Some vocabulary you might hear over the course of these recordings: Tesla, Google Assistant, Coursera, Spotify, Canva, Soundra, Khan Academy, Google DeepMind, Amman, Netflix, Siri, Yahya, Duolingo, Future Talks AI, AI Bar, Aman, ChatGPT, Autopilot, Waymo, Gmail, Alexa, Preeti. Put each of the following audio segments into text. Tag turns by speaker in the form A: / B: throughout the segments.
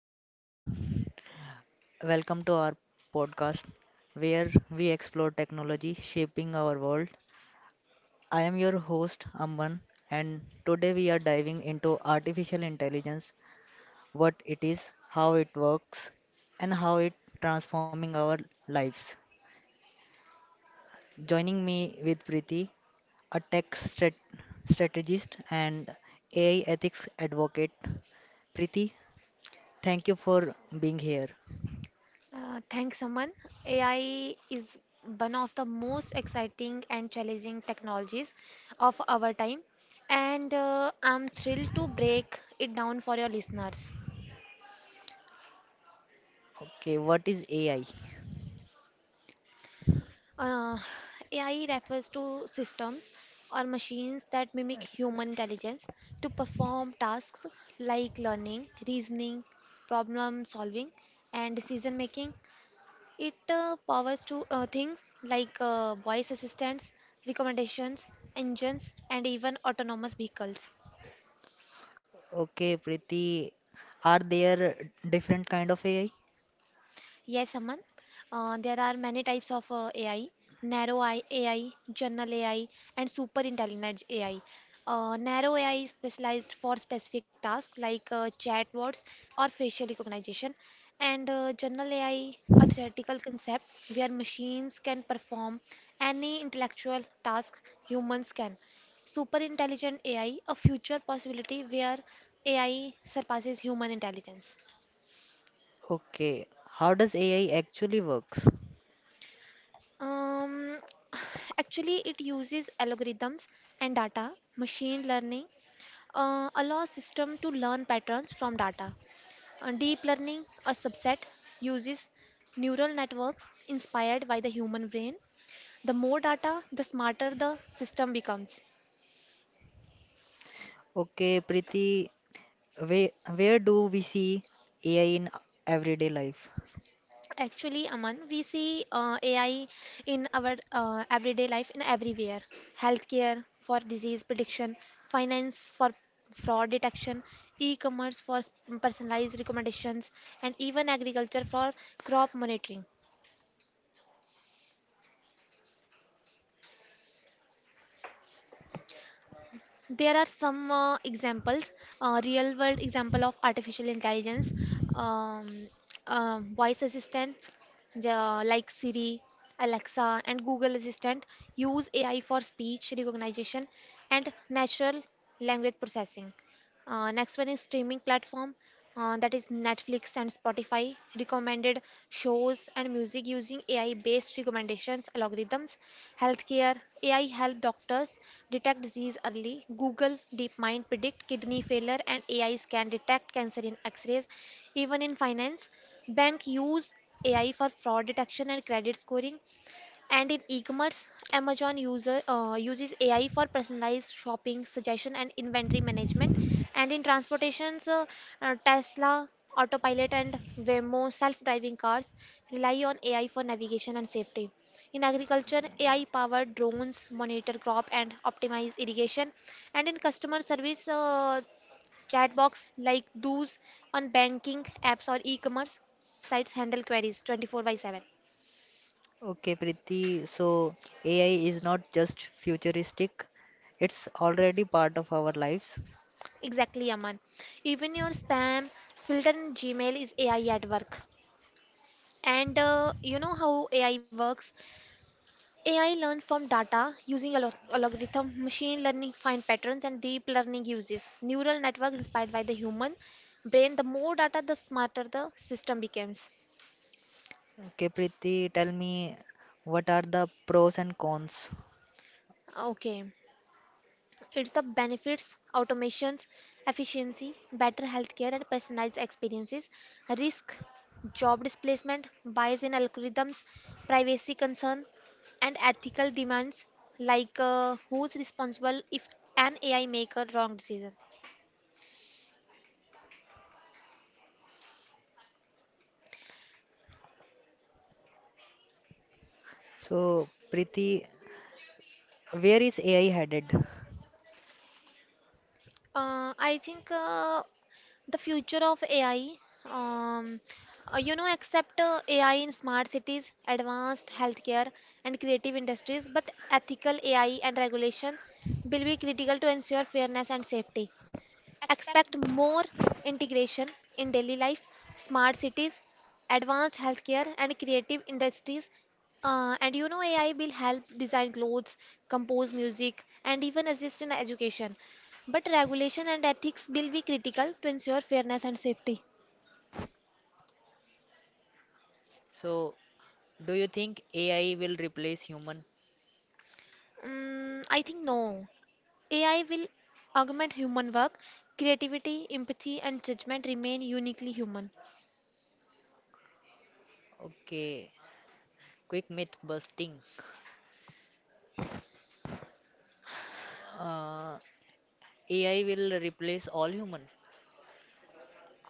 A: Hello, everyone. Welcome to our podcast where we explore technology shaping our world. I am your host, Amman, and today we are diving into artificial intelligence, what it is, how it works, and how it transforming our lives. Joining me with Preeti, a strategist and AI ethics advocate. Preeti, thank you for being here.
B: Thanks, Aman. AI is one of the most exciting and challenging technologies of our time, and I'm thrilled to break it down for your listeners.
A: Okay, what is AI?
B: Uh, AI refers to systems or machines that mimic human intelligence to perform tasks like learning, reasoning, problem solving, and decision making. It powers to things like voice assistants, recommendations, engines, and even autonomous vehicles.
A: Okay, Preeti, are there different kind of AI?
B: Yes, Aman. There are many types of AI, AI, general AI, and super intelligent AI. Narrow AI is specialized for specific tasks like chatbots or facial recognition, and general AI, a theoretical concept where machines can perform any intellectual task humans can. Super intelligent AI, a future possibility where AI surpasses human intelligence.
A: Okay, how does AI actually works?
B: Um, Actually, it uses algorithms and data. Machine learning allows system to learn patterns from data. Deep learning, a subset, uses neural networks inspired by the human brain. The more data, the smarter the system becomes.
A: Okay, Preeti, where, where do we see AI in everyday life?
B: Actually, Aman, we see AI in our everyday life in everywhere. Healthcare for disease prediction, finance for fraud detection, e-commerce for personalized recommendations, and even agriculture for crop monitoring. There are some examples, real world example of artificial intelligence, um, voice assistants like Siri, Alexa, and Google Assistant use AI for speech recognition and natural language processing. Next one is streaming platform, that is Netflix and Spotify. Recommended shows and music using AI-based recommendations algorithms. Healthcare AI help doctors detect disease early. Google DeepMind predict kidney failure, and AIs can detect cancer in X-rays. Even in finance, bank use AI for fraud detection and credit scoring. And in e-commerce, Amazon user uses AI for personalized shopping suggestion and inventory management. And in transportations, Tesla, Autopilot, and Waymo self-driving cars rely on AI for navigation and safety. In agriculture, AI-powered drones monitor crop and optimize irrigation. And in customer service, chatbots like those on banking apps or e-commerce sites handle queries 24 by 7.
A: Okay, Preeti, so AI is not just futuristic, it's already part of our lives.
B: Exactly, Aman. Even your spam filter in Gmail is AI at work. And you know how AI works? AI learn from data using algorithm, machine learning find patterns, and deep learning uses neural network inspired by the human brain. The more data, the smarter the system becomes.
A: Okay, Preeti, tell me, what are the pros and cons?
B: Okay. It's the benefits, automations, efficiency, better healthcare and personalized experiences, risk, job displacement, bias in algorithms, privacy concern, and ethical demands like who's responsible if an AI make a wrong decision.
A: So, Preeti, where is AI headed?
B: I think The future of AI, um, you know, except AI in smart cities, advanced healthcare, and creative industries, but ethical AI and regulation will be critical to ensure fairness and safety. Expect more integration in daily life, smart cities, advanced healthcare, and creative industries. And you know, AI will help design clothes, compose music, and even assist in education. But regulation and ethics will be critical to ensure fairness and safety.
A: So, do you think AI will replace human?
B: Mm, I think no. AI will augment human work. Creativity, empathy, and judgment remain uniquely human.
A: Okay, quick myth busting. Uh, AI will replace all human.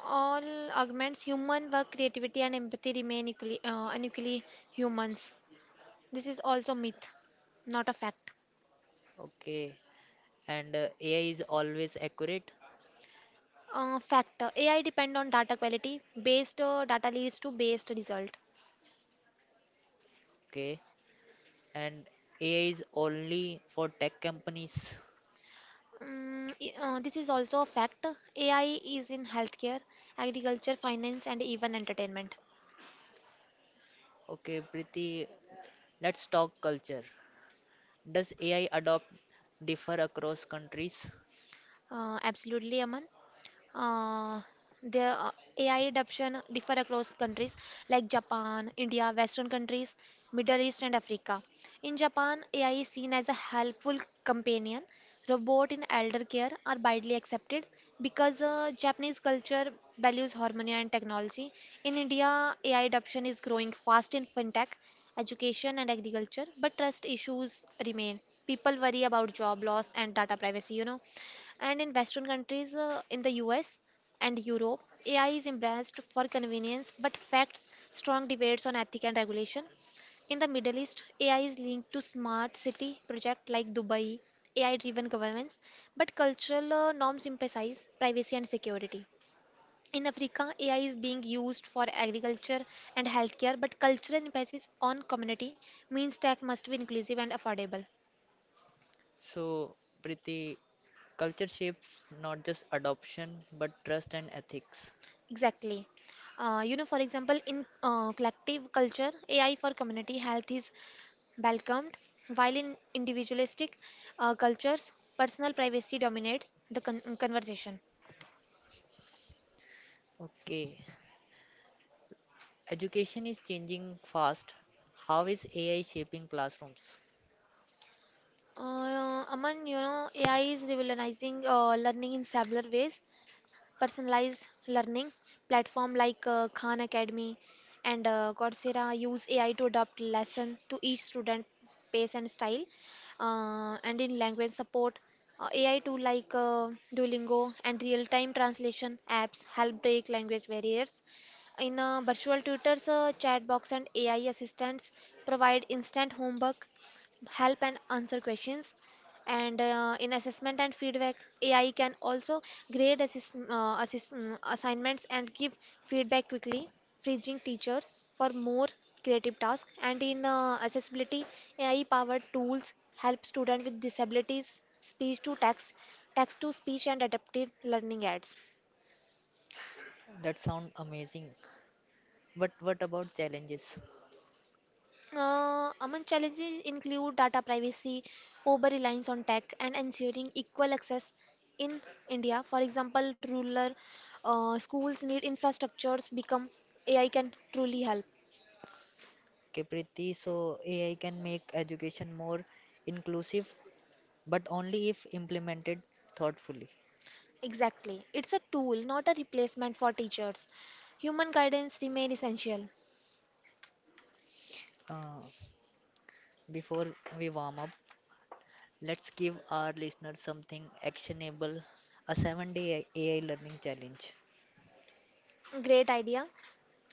B: All augments human work, creativity and empathy remain equally unequally humans, this is also myth, not a fact.
A: Okay, and AI is always accurate.
B: Factor AI depend on data quality, based data leads to based result.
A: Okay, and AI is only for tech companies.
B: This is also a fact. AI is in healthcare, agriculture, finance, and even entertainment.
A: Okay, Priti, let's talk culture. Does AI adopt differ across countries?
B: Absolutely, Aman. Uh, Their AI adoption differ across countries like Japan, India, Western countries, Middle East, and Africa. In Japan, AI is seen as a helpful companion. Robot in elder care are widely accepted because Japanese culture values harmony and technology. In India, AI adoption is growing fast in fintech, education, and agriculture, but trust issues remain. People worry about job loss and data privacy, you know. And in western countries, in the US and Europe, AI is embraced for convenience but facts strong debates on ethics and regulation. In the Middle East, AI is linked to smart city projects like Dubai, AI-driven governments, but cultural norms emphasize privacy and security. In Africa, AI is being used for agriculture and healthcare, but cultural emphasis on community means tech must be inclusive and affordable.
A: So, Priti, culture shapes not just adoption but trust and ethics.
B: Exactly. You know, for example, in collective culture, AI for community health is welcomed, while in individualistic cultures, personal privacy dominates the conversation.
A: Okay. Education is changing fast. How is AI shaping classrooms?
B: Aman, you know, AI is revolutionizing learning in several ways. Personalized learning platform like Khan Academy and Coursera use AI to adapt lesson to each student pace and style. And in language support, AI tool like Duolingo and real-time translation apps help break language barriers. In virtual tutors, chat box and AI assistants provide instant homework help and answer questions. And in assessment and feedback, AI can also grade assignments and give feedback quickly, freeing teachers for more creative tasks. And in accessibility, AI-powered tools help students with disabilities, speech to text, text to speech, and adaptive learning aids.
A: That sounds amazing. But what about challenges?
B: Among challenges include data privacy, over reliance on tech, and ensuring equal access in India. For example, rural schools need infrastructures become AI can truly help.
A: Okay, Preeti, so AI can make education more inclusive, but only if implemented thoughtfully.
B: Exactly. It's a tool, not a replacement for teachers. Human guidance remain essential.
A: Uh, Before we warm up, let's give our listeners something actionable, a 7-day AI learning challenge.
B: Great idea.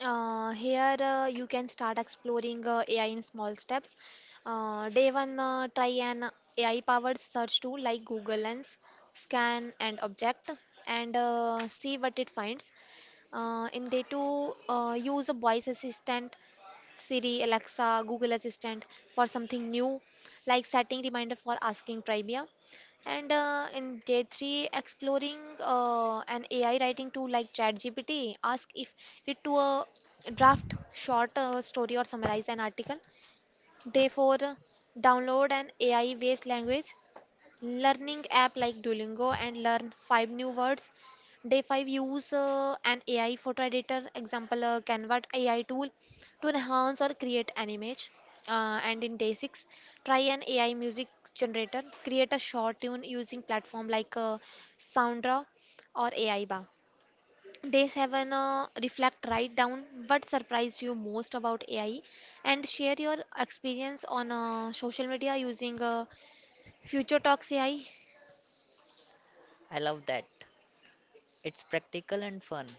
B: Here you can start exploring AI in small steps. Day one, try an AI-powered search tool like Google Lens, scan and object, and see what it finds. In day two, use a voice assistant Siri, Alexa, Google Assistant for something new, like setting reminder for asking trivia. And in day three, exploring an AI writing tool like ChatGPT, ask if it to a draft short story or summarize an article. Day four, download an AI-based language learning app like Duolingo and learn five new words. Day five, use an AI photo editor, example Canva AI tool to enhance or create an image. And in day six, try an AI music generator, create a short tune using platform like Soundra or AI Bar. Day 7 reflect, write down what surprised you most about AI and share your experience on social media using Future Talks AI.
A: I love that. It's practical and fun,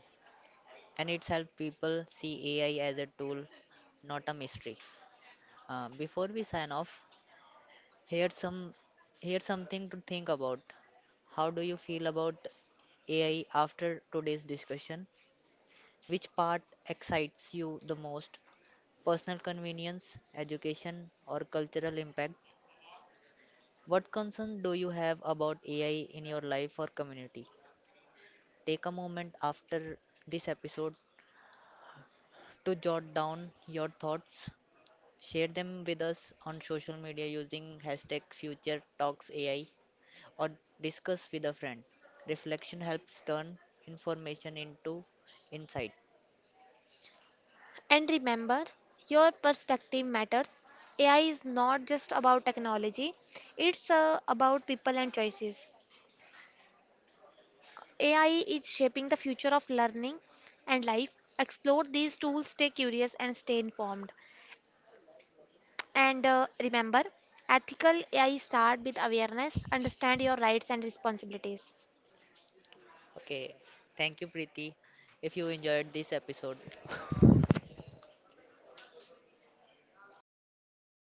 A: and it's helped people see AI as a tool, not a mystery. Before we sign off, here's some here's something to think about. How do you feel about AI after today's discussion? Which part excites you the most? Personal convenience, education, or cultural impact? What concern do you have about AI in your life or community? Take a moment after this episode to jot down your thoughts. Share them with us on social media using hashtag future talks AI, or discuss with a friend. Reflection helps turn information into insight.
B: And remember, your perspective matters. AI is not just about technology, it's about people and choices. AI is shaping the future of learning and life. Explore these tools, stay curious, and stay informed. And remember, ethical AI start with awareness, understand your rights and responsibilities.
A: Okay, thank you, Preeti. If you enjoyed this episode,
B: Thank you,